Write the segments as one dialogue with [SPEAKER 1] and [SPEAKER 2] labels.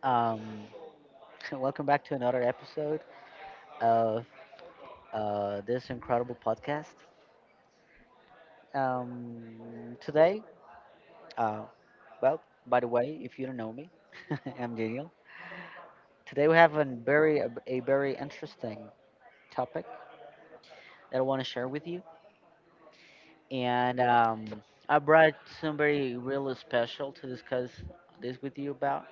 [SPEAKER 1] Um, welcome back to another episode of this incredible podcast. Um, today, uh, by the way, if you don't know me, I'm Daniel. Today we have a very interesting topic that I want to share with you, and I brought somebody really special to discuss this with you about.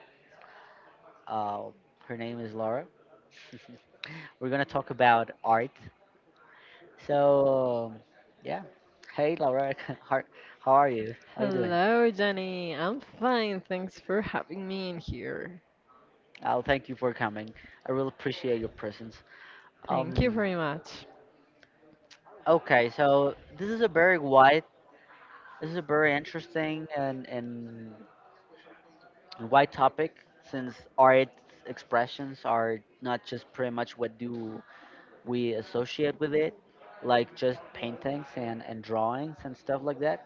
[SPEAKER 1] Uh, Her name is Laura. We're gonna talk about art. So, yeah. Hey, Laura, how how are you? How are you doing?
[SPEAKER 2] Hello, Jenny. I'm fine. Thanks for having me in here.
[SPEAKER 1] I'll thank you for coming. I really appreciate your presence.
[SPEAKER 2] Thank you
[SPEAKER 1] Um,
[SPEAKER 2] very much.
[SPEAKER 1] okay, so this is a very interesting and wide topic, since art expressions are not just pretty much what do we associate with it, like just paintings and drawings and stuff like that,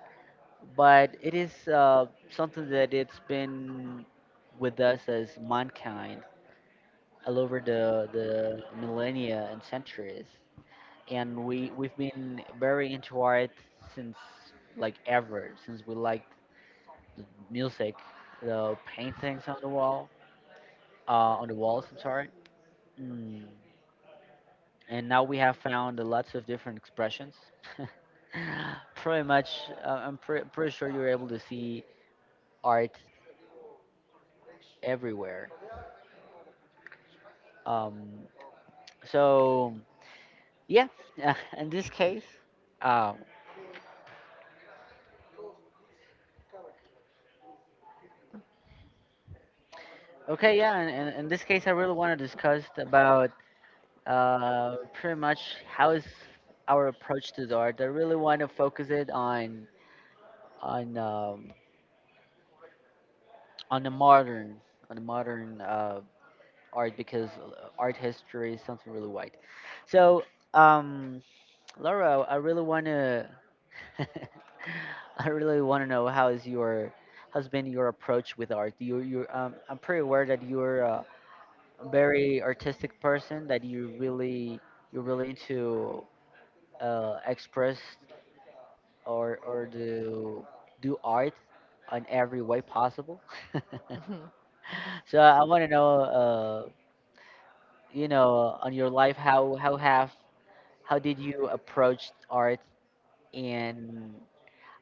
[SPEAKER 1] but it is something that it's been with us as mankind all over the millennia and centuries, and we've been very into art since, like, ever since we liked the music, the paintings on the wall, uh, on the walls I'm sorry. mm. And now we have found lots of different expressions. Pretty much I'm pretty sure you're able to see art everywhere. Um So yeah, in this case, um, in this case, I really want to discuss about pretty much how is our approach to the art. I really want to focus it on on um, on the modern on the modern art, because art history is something really wide. So um, Laura, I really want to I really want to know how is your has been your approach with art. You I'm pretty aware that you're a very artistic person, that you really you're really into express or do do art in every way possible.
[SPEAKER 2] Mhm.
[SPEAKER 1] So I want to know you know, on your life, how did you approach art, and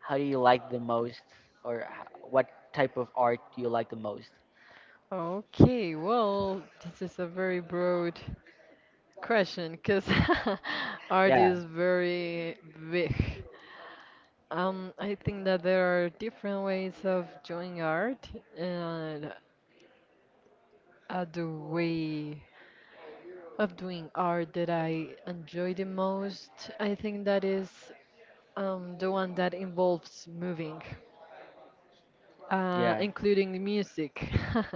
[SPEAKER 1] how do you like the most, or what type of art do you like the most?
[SPEAKER 2] Okay, well, this is a very broad question because art
[SPEAKER 1] Yeah,
[SPEAKER 2] is very big. I think that there are different ways of doing art, and the way of doing art that I enjoy the most, I think that is the one that involves moving.
[SPEAKER 1] yeah.
[SPEAKER 2] Including the music.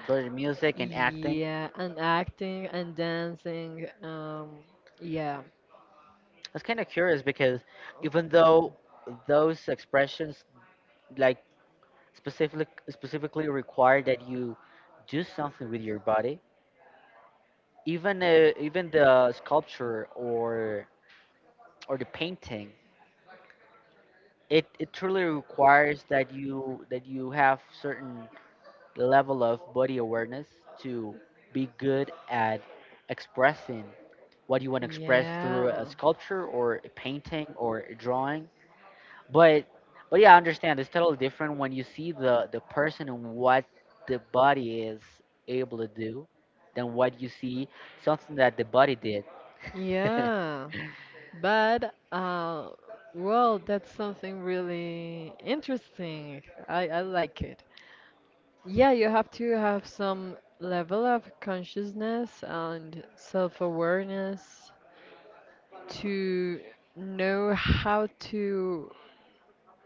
[SPEAKER 1] Including music and acting.
[SPEAKER 2] Yeah,
[SPEAKER 1] I
[SPEAKER 2] and acting and dancing. Yeah.
[SPEAKER 1] was kind of curious because, even though those expressions, like, specifically require that you do something with your body, even even the sculpture or the painting, it truly requires that you have certain level of body awareness to be good at expressing what you want to express through a
[SPEAKER 2] Yeah.
[SPEAKER 1] sculpture or a painting or a drawing. But but yeah, I understand it's totally different when you see the person and what the body is able to do than what you see something that the body did.
[SPEAKER 2] Yeah, but well, that's something really interesting. I like it. Yeah, you have to have some level of consciousness and self-awareness to know how to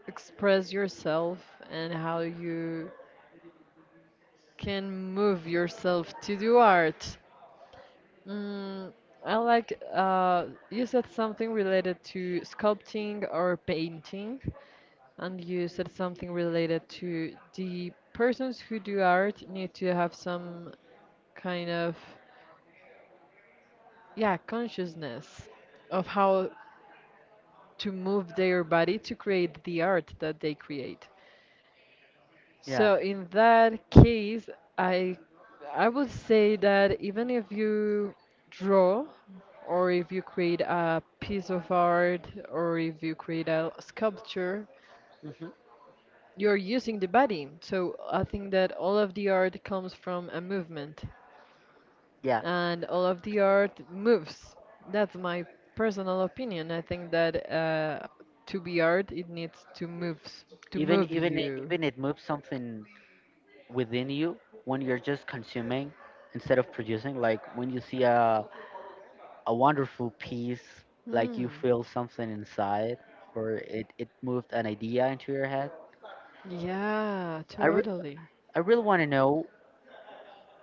[SPEAKER 2] express yourself and how you can move yourself to do art. Mm, I like you said something related to sculpting or painting, and you said something related to the persons who do art need to have some kind of yeah consciousness of how to move their body to create the art that they create.
[SPEAKER 1] Yeah.
[SPEAKER 2] So in that case, I I would say that even if you draw or if you create a piece of art or if you create a sculpture,
[SPEAKER 1] Hmm.
[SPEAKER 2] you're using the body. So I think that all of the art comes from a movement
[SPEAKER 1] Yeah.
[SPEAKER 2] and all of the art moves. That's my personal opinion. I think that to be art, it needs to
[SPEAKER 1] Even
[SPEAKER 2] move
[SPEAKER 1] even it-
[SPEAKER 2] you.
[SPEAKER 1] even it moves something within you when you're just consuming instead of producing. Like, when you see a wonderful peace, like,
[SPEAKER 2] Hmm.
[SPEAKER 1] you feel something inside, or it moved an idea into your head.
[SPEAKER 2] Yeah,
[SPEAKER 1] I, re-
[SPEAKER 2] totally.
[SPEAKER 1] I really want to know,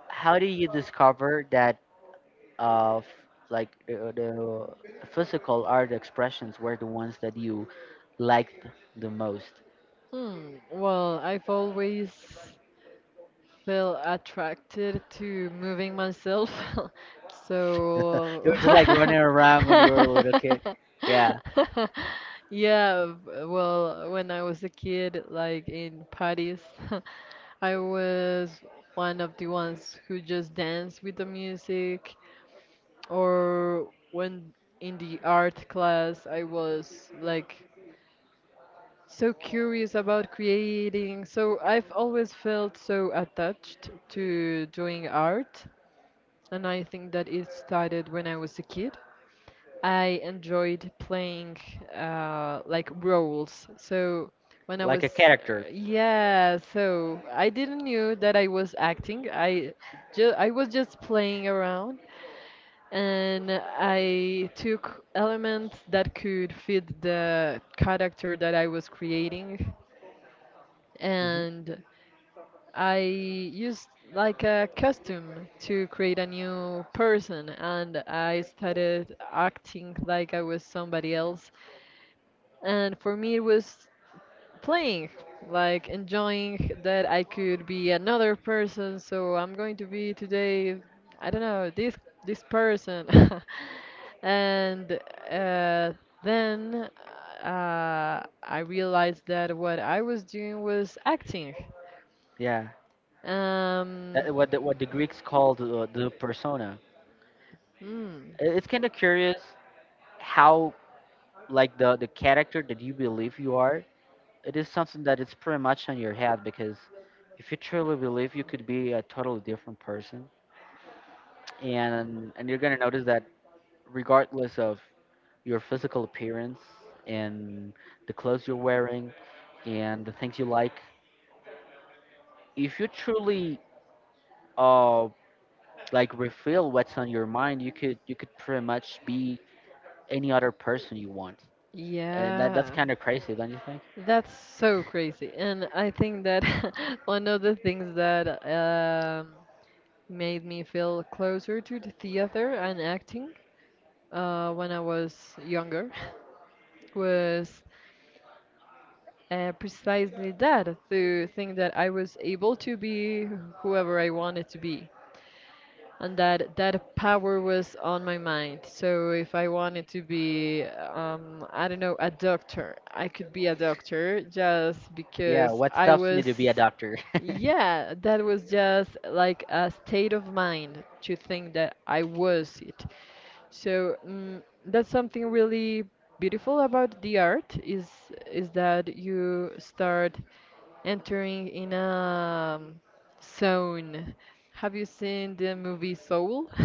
[SPEAKER 1] how do you discover that uh, f- like, the physical art expressions were the ones that you liked the most?
[SPEAKER 2] Hmm. Well, I've always felt attracted to moving myself,
[SPEAKER 1] You
[SPEAKER 2] so
[SPEAKER 1] were just like running around when you were a little kid. Yeah,
[SPEAKER 2] yeah. Well, when I was a kid, like in parties, I was one of the ones who just danced with the music or when in the art class I was like so curious about creating. So I've always felt so attached to doing art, and I think that it started when I was a kid. I enjoyed playing like roles. So when I
[SPEAKER 1] like
[SPEAKER 2] was
[SPEAKER 1] a character.
[SPEAKER 2] yeah, so I didn't knew that I was acting. I was just playing around and I took elements that could fit the character that I was creating,
[SPEAKER 1] Hmm.
[SPEAKER 2] and I used like a costume to create a new person, and I started acting like I was somebody else. And for me, it was playing, like enjoying that I could be another person. So I'm going to be today, I don't know, this person, and uh, then I realized that what I was doing was acting.
[SPEAKER 1] Yeah,
[SPEAKER 2] Um,
[SPEAKER 1] that, what the Greeks called the persona.
[SPEAKER 2] mm,
[SPEAKER 1] I- It's kind of curious how, like, the character that you believe you are, it is something that is pretty much on your head, because if you truly believe you could be a totally different person, and you're going to notice that regardless of your physical appearance and the clothes you're wearing and the things you like, if you truly uh like reveal what's on your mind, you could pretty much be any other person you want, and that's
[SPEAKER 2] yeah.
[SPEAKER 1] kind of crazy, don't you think?
[SPEAKER 2] That's so crazy. And I think that one of the things that made me feel closer to the theater and acting when I was younger was precisely that to think that I was able to be whoever I wanted to be. And that that power was on my mind. So if I wanted to be, I don't know, a doctor, I could be a doctor just
[SPEAKER 1] Yeah,
[SPEAKER 2] because
[SPEAKER 1] what
[SPEAKER 2] I
[SPEAKER 1] stops me
[SPEAKER 2] was
[SPEAKER 1] to be a doctor?
[SPEAKER 2] yeah, that was just like a state of mind to think that I was it. So that's something really beautiful about the art is that you start entering in a zone. Have you seen the movie Soul?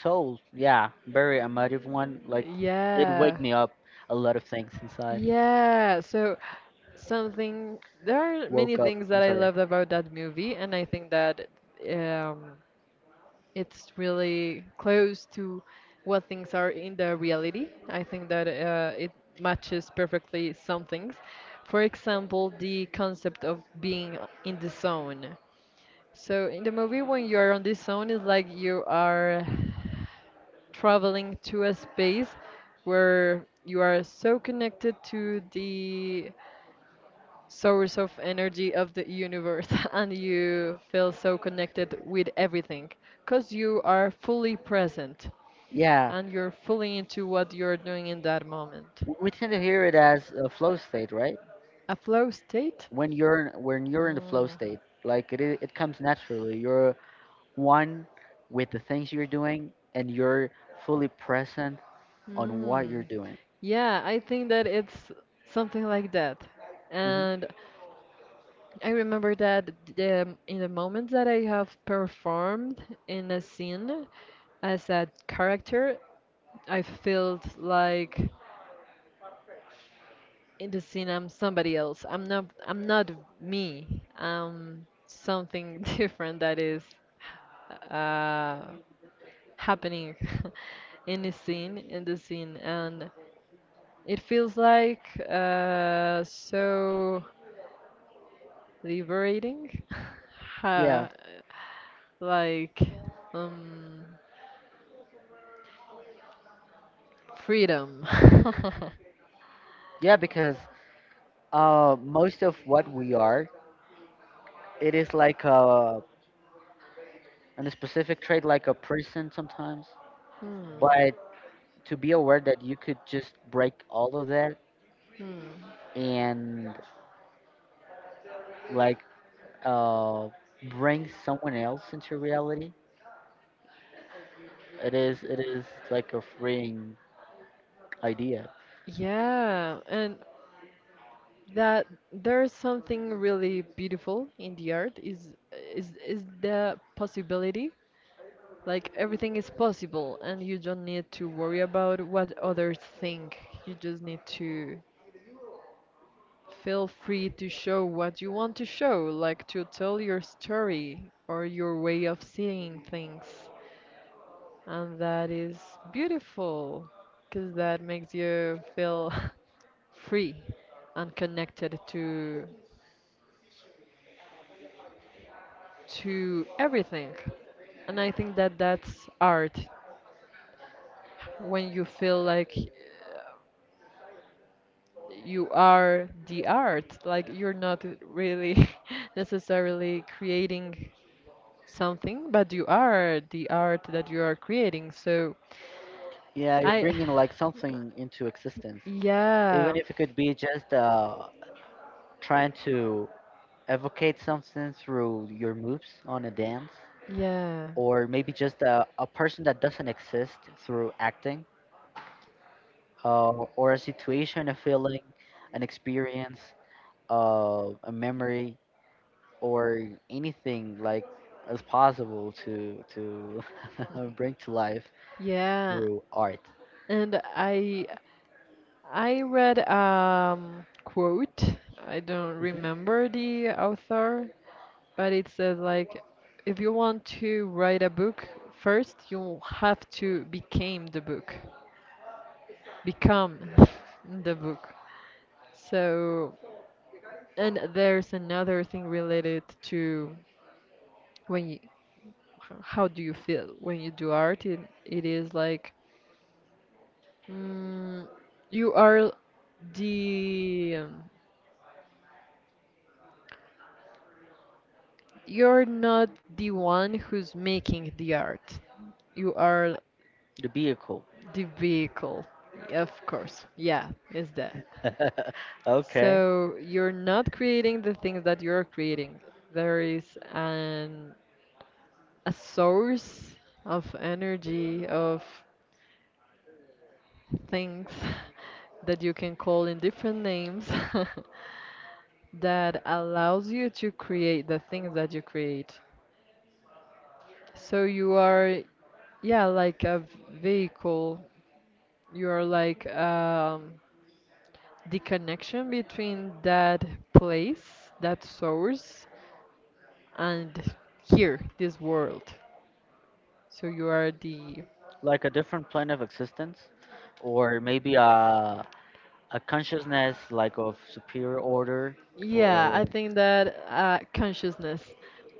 [SPEAKER 1] Souls, yeah, very emotive one. Like, it
[SPEAKER 2] Yeah.
[SPEAKER 1] wake me up a lot of things inside.
[SPEAKER 2] Yeah, so something there are many
[SPEAKER 1] Woke up.
[SPEAKER 2] things
[SPEAKER 1] I'm
[SPEAKER 2] that I
[SPEAKER 1] sorry.
[SPEAKER 2] loved about that movie and I think that um it's really close to what things are in the reality. I think that it matches perfectly some things. For example, the concept of being in the zone. So in the movie, when you are on this zone, it's like you are traveling to a space where you are so connected to the source of energy of the universe and you feel so connected with everything because you are fully present
[SPEAKER 1] Yeah,
[SPEAKER 2] and you're fully into what you're doing in that moment.
[SPEAKER 1] w- we tend to hear it as a flow state, right?
[SPEAKER 2] A flow state?
[SPEAKER 1] When you're in the flow
[SPEAKER 2] Mm,
[SPEAKER 1] state, like, it it comes naturally. You're one with the things you're doing, and you're fully present on what
[SPEAKER 2] mm.
[SPEAKER 1] you're doing.
[SPEAKER 2] Yeah, I think that it's something like that.
[SPEAKER 1] Hmm.
[SPEAKER 2] And I remember that the, in the moments that I have performed in a scene as a character, I felt like in the scene I'm somebody else. I'm not me. I'm something different that is uh, happening in the scene and it feels like so liberating
[SPEAKER 1] Yeah,
[SPEAKER 2] Ha- like um, freedom.
[SPEAKER 1] yeah, because most of what we are, it is like a, and a specific trait, like a person sometimes,
[SPEAKER 2] Hmm.
[SPEAKER 1] but to be aware that you could just break all of that
[SPEAKER 2] Hmm.
[SPEAKER 1] and, like, uh, bring someone else into reality. It is like a freeing idea.
[SPEAKER 2] Yeah, and that there's something really beautiful in the art is is the possibility like everything is possible and you don't need to worry about what others think you just need to feel free to show what you want to show like to tell your story or your way of seeing things and that is beautiful because that makes you feel free and connected to everything. And I think that that's art. When you feel like you are the art, like you're not really necessarily creating something, but you are the art that you are creating.
[SPEAKER 1] Yeah, you're
[SPEAKER 2] I,
[SPEAKER 1] bringing, like, something into existence, even
[SPEAKER 2] yeah,
[SPEAKER 1] if it could be just trying to evocate something through your moves on a dance,
[SPEAKER 2] yeah.
[SPEAKER 1] or maybe just a person that doesn't exist through acting, uh, or a situation, a feeling, an experience, a memory, or anything like as possible to bring to life
[SPEAKER 2] Yeah,
[SPEAKER 1] through art.
[SPEAKER 2] and I read quote. I don't
[SPEAKER 1] Hmm.
[SPEAKER 2] remember the author, but it says like if you want to write a book, first you have to become the book. Become the book. So, and there's another thing related to when you how do you feel when you do art? It is like mm, you are the you're not the one who's making the art. You are
[SPEAKER 1] The vehicle.
[SPEAKER 2] the vehicle. Yeah, Of course. Yeah, is that.
[SPEAKER 1] Okay,
[SPEAKER 2] So you're not creating the things that you're creating. There is an a source of energy of things that you can call in different names that allows you to create the things that you create. So you are, yeah, like a vehicle. You are like the connection between that place, that source, and here, this world. So you are the,
[SPEAKER 1] like a different plane of existence, or maybe a consciousness like of superior order,
[SPEAKER 2] yeah, I
[SPEAKER 1] or
[SPEAKER 2] think that consciousness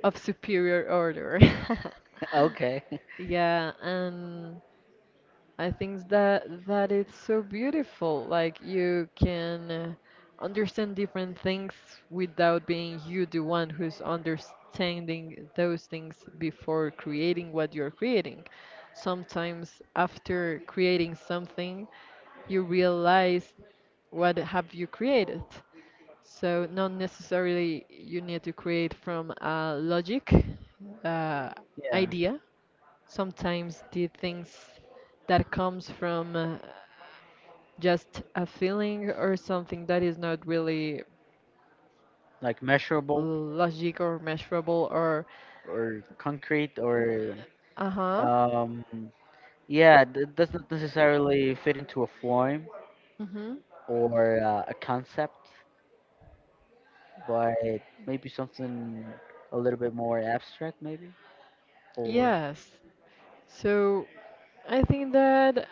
[SPEAKER 2] of superior order.
[SPEAKER 1] okay,
[SPEAKER 2] Yeah, and I think that that it's so beautiful. Like you can understand different things without being you the one who's understanding those things before creating what you're creating. Sometimes after creating something, you realize what have you created. So not necessarily you need to create from a logic uh,
[SPEAKER 1] yeah,
[SPEAKER 2] idea sometimes the things that comes from just a feeling or something that is not really
[SPEAKER 1] like measurable
[SPEAKER 2] logic or measurable or
[SPEAKER 1] or concrete or
[SPEAKER 2] uh-huh
[SPEAKER 1] um yeah, doesn't necessarily fit into a form
[SPEAKER 2] mm-hmm
[SPEAKER 1] or a concept, but maybe something a little bit more abstract, maybe. Or
[SPEAKER 2] yes so I think that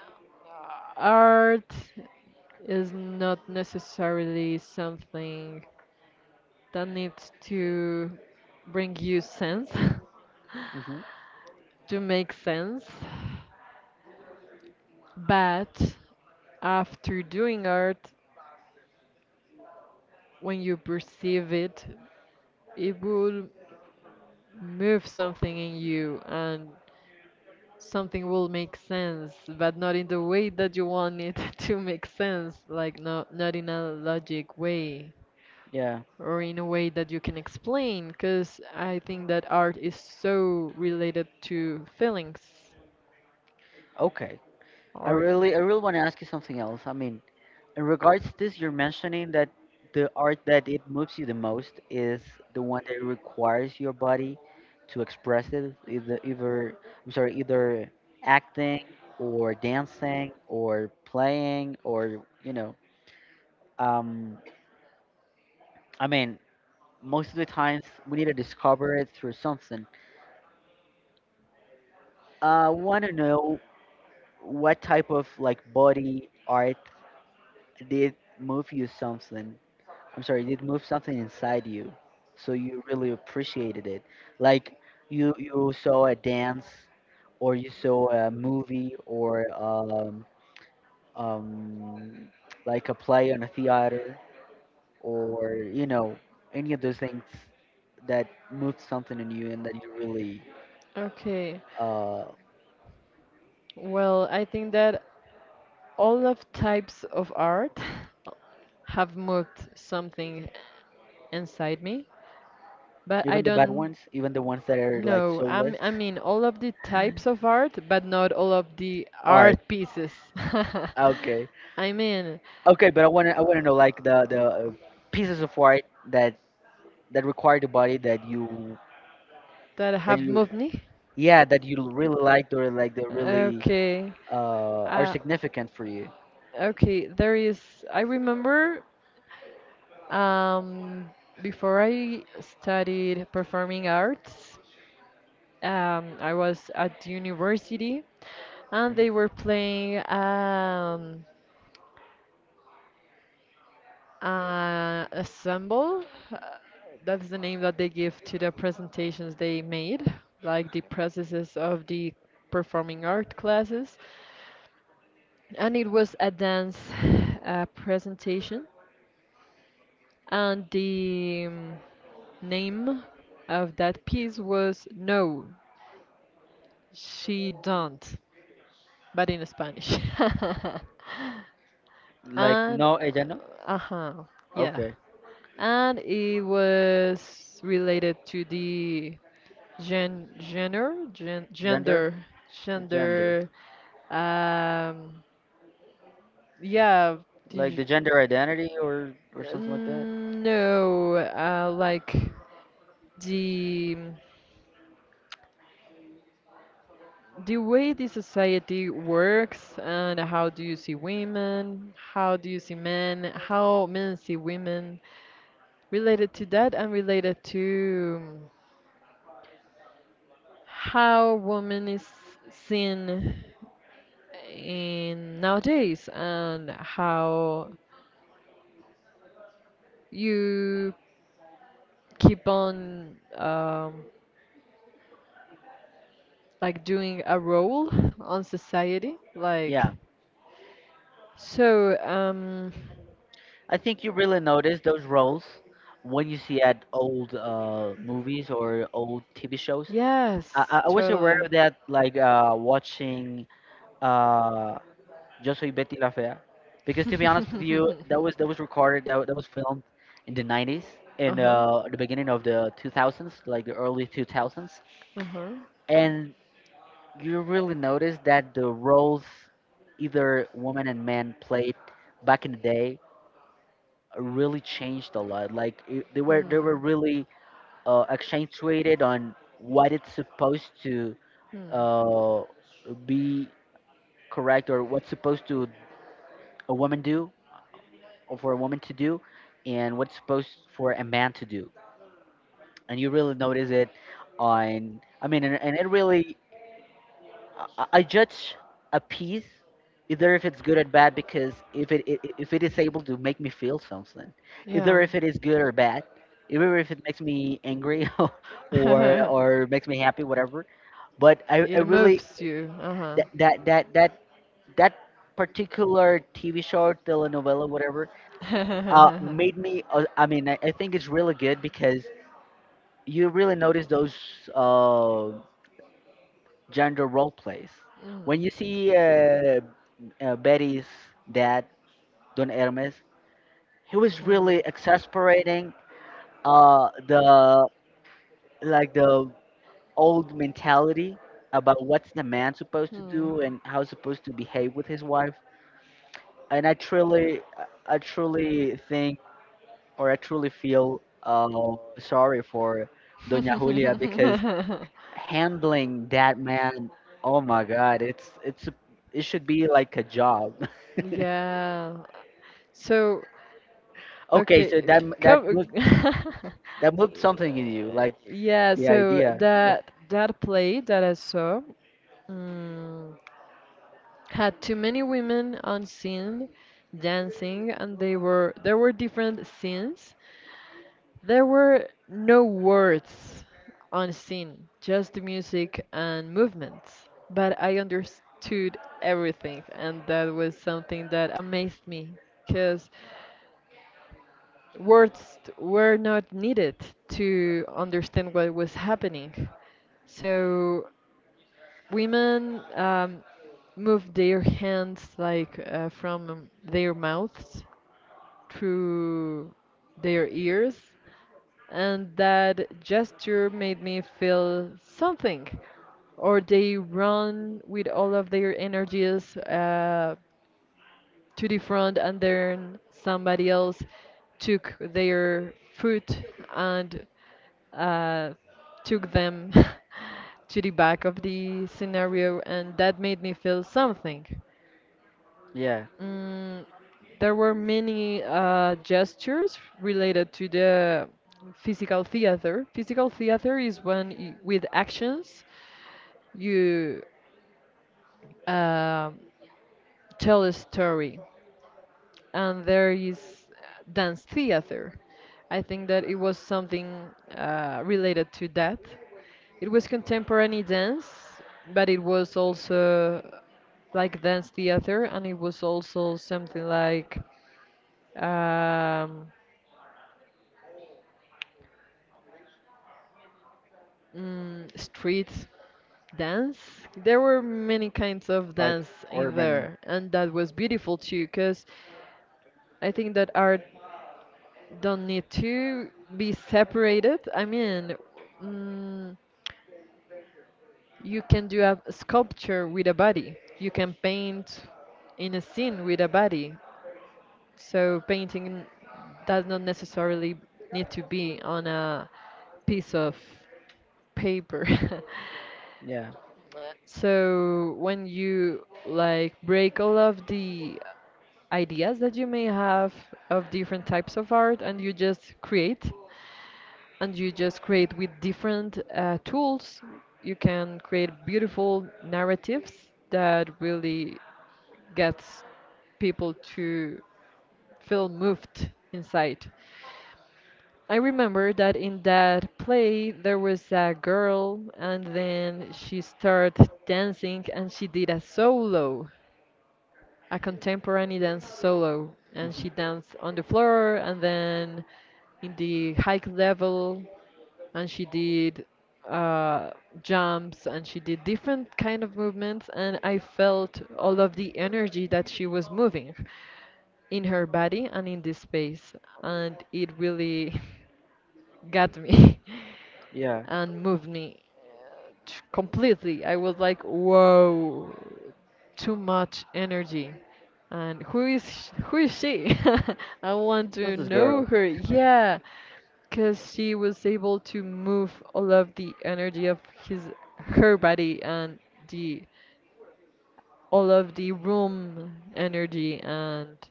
[SPEAKER 2] art is not necessarily something that needs to bring you sense
[SPEAKER 1] hmm
[SPEAKER 2] to make sense. But after doing art, when you perceive it, it will move something in you and something will make sense, but not in the way that you want it to make sense, like not in a logic way
[SPEAKER 1] yeah,
[SPEAKER 2] or in a way that you can explain, because I think that art is so related to feelings
[SPEAKER 1] okay.
[SPEAKER 2] or.
[SPEAKER 1] I really want to ask you something else. I mean, in regards to this, you're mentioning that the art that it moves you the most is the one that requires your body to express it, either I'm sorry, either acting or dancing or playing or you know. Um, I mean, most of the times we need to discover it through something. I want to know what type of, like, body art did move you something. I'm sorry, did move something inside you, so you really appreciated it. Like, you saw a dance, or you saw a movie, or um like a play on a theater, or, you know, any of those things that moved something in you and that you really
[SPEAKER 2] Okay.
[SPEAKER 1] uh
[SPEAKER 2] Well, I think that all of types of art have moved something inside me, but I
[SPEAKER 1] Even the bad
[SPEAKER 2] don't
[SPEAKER 1] ones, even the ones that are like
[SPEAKER 2] know.
[SPEAKER 1] soulless.
[SPEAKER 2] I mean, all of the types of art, but not all of the
[SPEAKER 1] Art.
[SPEAKER 2] art pieces.
[SPEAKER 1] Okay.
[SPEAKER 2] I mean,
[SPEAKER 1] Okay, but I wanna know, like, the pieces of art that that require the body that you
[SPEAKER 2] that
[SPEAKER 1] that
[SPEAKER 2] have
[SPEAKER 1] you
[SPEAKER 2] moved me.
[SPEAKER 1] yeah, that you really liked, or, like, they really
[SPEAKER 2] Okay.
[SPEAKER 1] are
[SPEAKER 2] Uh,
[SPEAKER 1] significant for you.
[SPEAKER 2] okay, there is. I remember um, before I studied performing arts, I was at university and
[SPEAKER 1] Mhm.
[SPEAKER 2] they were playing ensemble. uh, That's the name that they give to the presentations they made, like the processes of the performing art classes. And it was a dance presentation, and the name of that piece was No, She Don't, but in Spanish.
[SPEAKER 1] Like
[SPEAKER 2] and
[SPEAKER 1] no a gender.
[SPEAKER 2] uh huh, yeah,
[SPEAKER 1] Okay.
[SPEAKER 2] and it was related to the
[SPEAKER 1] Gender.
[SPEAKER 2] gender
[SPEAKER 1] The gender.
[SPEAKER 2] gender um yeah the, like
[SPEAKER 1] Like the
[SPEAKER 2] the gender
[SPEAKER 1] gender
[SPEAKER 2] identity
[SPEAKER 1] identity
[SPEAKER 2] or-
[SPEAKER 1] or something like that.
[SPEAKER 2] No, like the the way the society works and how do you see women, how do you see men, how men see women, related to that and related to how women is seen in nowadays and how you keep on like doing a role on society like
[SPEAKER 1] Yeah.
[SPEAKER 2] so
[SPEAKER 1] I think you really notice those roles when you see at old movies or old TV shows.
[SPEAKER 2] yes
[SPEAKER 1] I was aware
[SPEAKER 2] totally
[SPEAKER 1] of that, like watching uh, Yo Soy Betty La Fea, because, to be honest with you, that was recorded, that, that was filmed in the 90s and
[SPEAKER 2] uh-huh
[SPEAKER 1] the beginning of the 2000s, like the early 2000s,
[SPEAKER 2] Uh huh.
[SPEAKER 1] and you really notice that the roles either women and men played back in the day really changed a lot. Like it, they were
[SPEAKER 2] Hmm.
[SPEAKER 1] really accentuated on what it's supposed to
[SPEAKER 2] Hmm.
[SPEAKER 1] uh, be correct, or what's supposed to a woman do, or for a woman to do, and what's supposed for a man to do. And you really notice it on. I mean, and it really I judge a piece either if it's good or bad, because if it if it is able to make me feel something, either
[SPEAKER 2] Yeah.
[SPEAKER 1] if it is good or bad, either if it makes me angry or makes me happy, whatever. But I
[SPEAKER 2] it
[SPEAKER 1] really
[SPEAKER 2] moves you. Uh huh.
[SPEAKER 1] that that that that that particular TV show, telenovela, whatever,
[SPEAKER 2] mm.
[SPEAKER 1] made me. I mean, I think it's really good because you really notice those uh, gender role plays
[SPEAKER 2] Mm.
[SPEAKER 1] when you
[SPEAKER 2] Hmm.
[SPEAKER 1] see Betty's dad, Don Hermes, he was really exasperating the, like, the old mentality about what's the man supposed to do and how he's supposed to behave with his wife. And I truly think, or I truly feel sorry for Doña Julia, because handling that man, oh my God, it's it should be like a job.
[SPEAKER 2] yeah. So
[SPEAKER 1] Okay, so
[SPEAKER 2] okay,
[SPEAKER 1] that
[SPEAKER 2] come.
[SPEAKER 1] that moved something in you, like
[SPEAKER 2] yeah.
[SPEAKER 1] the
[SPEAKER 2] So
[SPEAKER 1] idea of
[SPEAKER 2] that that play that I saw. Mm, had too many women on scene dancing, and they were there were different scenes. There were no words on scene, just the music and movements. But I understood everything, and that was something that amazed me, because words were not needed to understand what was happening. So women move their hands like from their mouths through their ears, and that gesture made me feel something. Or they run with all of their energies to the front and then somebody else took their foot and uh, took them to the back of the scenario and that made me feel something.
[SPEAKER 1] yeah
[SPEAKER 2] Mm, there were many gestures related to the physical theater. Physical theater is when with actions you uh, tell a story. And there is dance theater. I think that it was something related to that. It was contemporary dance, but it was also like dance theater, and it was also something like um, street dance. There were many kinds of
[SPEAKER 1] like
[SPEAKER 2] dance in
[SPEAKER 1] urban
[SPEAKER 2] there, and that was beautiful too, because I think that art don't need to be separated. Mm, you can do a sculpture with a body. You can paint in a scene with a body. So painting does not necessarily need to be on a piece of paper.
[SPEAKER 1] yeah
[SPEAKER 2] So when you like break all of the ideas that you may have of different types of art and you just create and you just create with different tools. You can create beautiful narratives that really gets people to feel moved inside. I remember that in that play there was a girl and then she started dancing and she did a solo, a contemporary dance solo, and she danced on the floor and then in the high level, and she did uh, jumps and she did different kind of movements, and I felt all of the energy that she was moving in her body and in this space, and it really got me
[SPEAKER 1] yeah
[SPEAKER 2] and moved me completely. I was like, whoa, too much energy. And who is she? I want to
[SPEAKER 1] this is
[SPEAKER 2] know
[SPEAKER 1] girl
[SPEAKER 2] her. Yeah, because she was able to move all of the energy of his her body and the all of the room energy and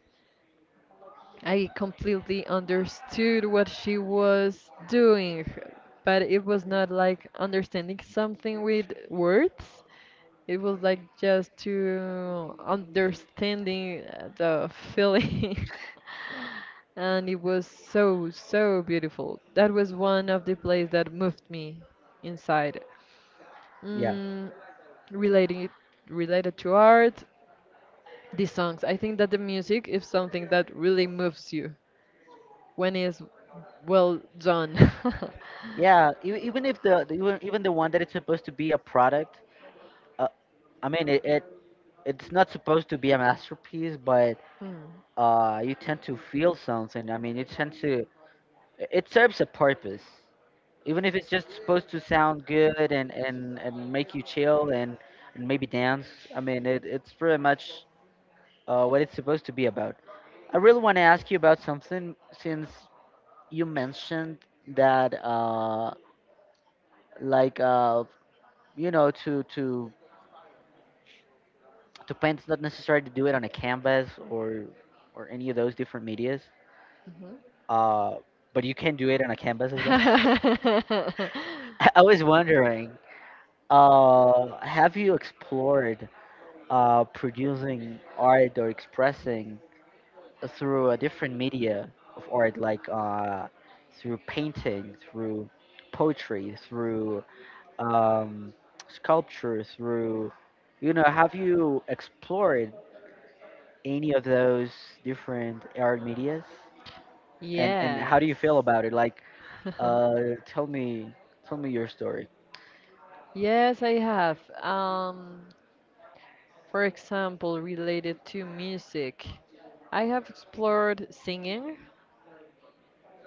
[SPEAKER 2] I completely understood what she was doing, but it was not like understanding something with words. It was like just to understanding the feeling. And it was so, so beautiful. That was one of the plays that moved me inside.
[SPEAKER 1] yeah
[SPEAKER 2] Mm, relating it, related to art, the songs. I think that the music is something that really moves you when it's well done.
[SPEAKER 1] yeah even if the even the one that it's supposed to be a product, uh, I mean it, it it's not supposed to be a masterpiece, but
[SPEAKER 2] Hmm.
[SPEAKER 1] you tend to feel something. I mean, you tend to it it serves a purpose, even if it's just supposed to sound good and make you chill and maybe dance. I mean it, it's pretty much what it's supposed to be about. I really want to ask you about something, since you mentioned that like uh you know, to paint it's not necessary to do it on a canvas or any of those different medias,
[SPEAKER 2] Mhm.
[SPEAKER 1] uh but you can do it on a canvas as well. I was wondering, have you explored producing art or expressing through a different media of art, like through painting, through poetry, through um, sculpture, through, you know, have you explored any of those different art medias? And how do
[SPEAKER 2] Yes.
[SPEAKER 1] you feel about it? Like, uh, tell me, tell me your story.
[SPEAKER 2] Yes, I have. Um, for example, related to music, I have explored singing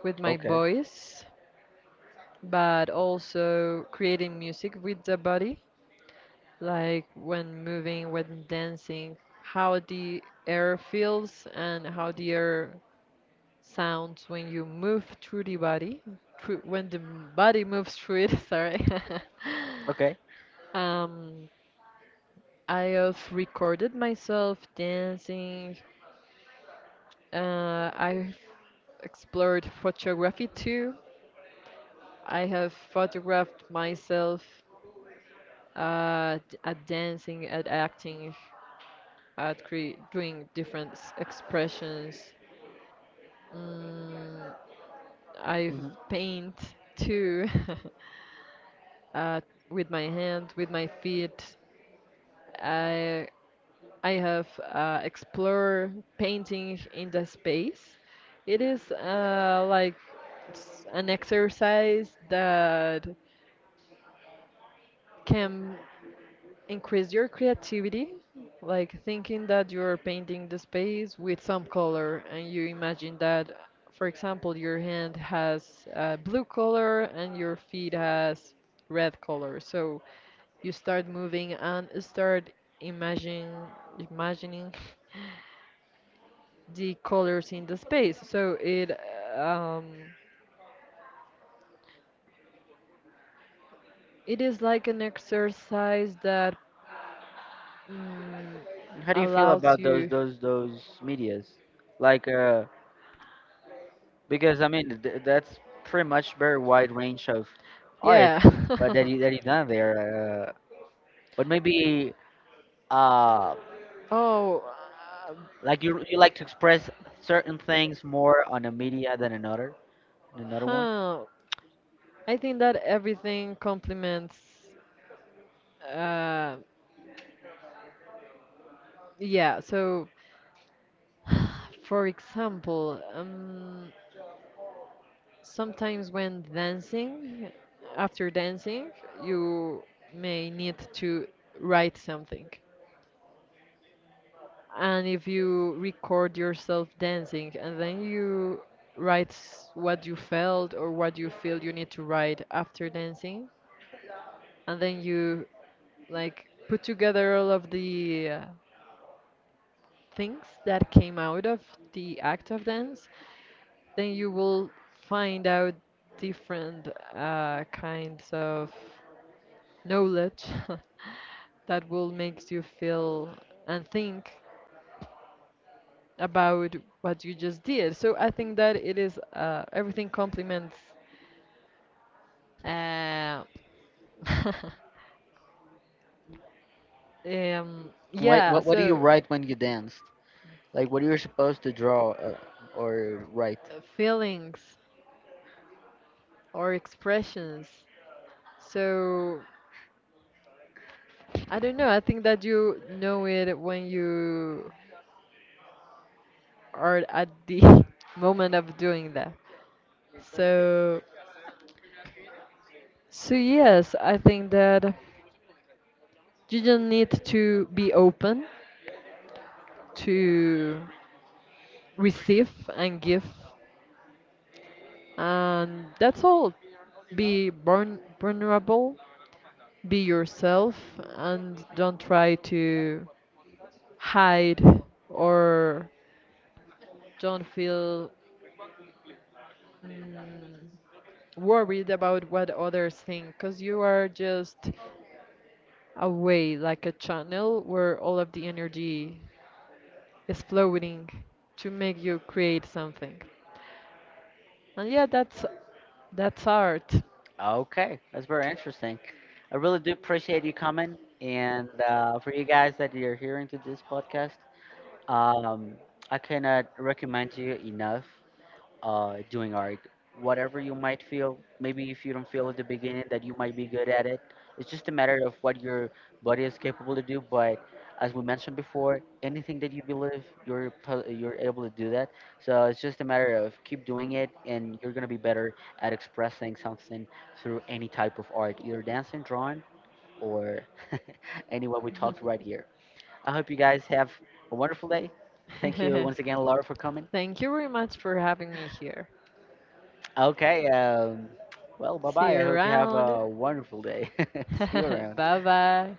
[SPEAKER 2] with my
[SPEAKER 1] Okay.
[SPEAKER 2] voice, but also creating music with the body. Like when moving, when dancing, how the air feels and how the air sounds when you move through the body, when the body moves through it, sorry.
[SPEAKER 1] Okay.
[SPEAKER 2] Um, I have recorded myself dancing. I've explored photography too. I have photographed myself at dancing, at acting, doing different expressions. Mm, I've
[SPEAKER 1] Hmm.
[SPEAKER 2] paint too uh, with my hand, with my feet. I I have explored painting in the space. It is like an exercise that can increase your creativity, like thinking that you're painting the space with some color and you imagine that, for example, your hand has a blue color and your feet has red color. So you start moving and start imagine imagining the colors in the space. So it um, it is like an exercise that mm,
[SPEAKER 1] How do you feel
[SPEAKER 2] allows
[SPEAKER 1] about those
[SPEAKER 2] you
[SPEAKER 1] those those medias? Like, because, I mean, that's pretty much very wide range of art
[SPEAKER 2] yeah.
[SPEAKER 1] that you that you done there. But maybe uh,
[SPEAKER 2] Oh, uh,
[SPEAKER 1] like, you like to express certain things more on a media than another one.
[SPEAKER 2] huh. I think that everything complements. Uh, yeah, so for example, sometimes when dancing, after dancing, you may need to write something. And if you record yourself dancing and then you write what you felt or what you feel you need to write after dancing, and then you like put together all of the things that came out of the act of dance, then you will find out different kinds of knowledge that will make you feel and think about what you just did. So I think that it is everything complements. Uh,
[SPEAKER 1] What,
[SPEAKER 2] yeah,
[SPEAKER 1] what do you
[SPEAKER 2] so
[SPEAKER 1] write when you danced? Like, what you're supposed to draw or write?
[SPEAKER 2] feelings or expressions. So I don't know. I think that you know it when you are at the moment of doing that. So, so yes, I think that you just need to be open to receive and give, and that's all. Vulnerable, be yourself, and don't try to hide or don't feel mm, worried about what others think because you are just a way, like a channel where all of the energy is flowing to make you create something. And yeah, that's art.
[SPEAKER 1] Okay, that's very interesting. I really do appreciate you coming, and for you guys that you're hearing to this podcast, um, I cannot recommend you enough doing art. Whatever you might feel, maybe if you don't feel at the beginning that you might be good at it, it's just a matter of what your body is capable to do. But, as we mentioned before, anything that you believe, you're you're able to do that. So it's just a matter of keep doing it, and you're gonna be better at expressing something through any type of art, either dancing, drawing, or any what we talked right here. I hope you guys have a wonderful day. Thank you once again, Laura, for coming.
[SPEAKER 2] Thank you very much for having me here.
[SPEAKER 1] Okay. Well, bye
[SPEAKER 2] See
[SPEAKER 1] bye.
[SPEAKER 2] you
[SPEAKER 1] I hope you have
[SPEAKER 2] around.
[SPEAKER 1] a wonderful day. See you around.
[SPEAKER 2] Bye bye.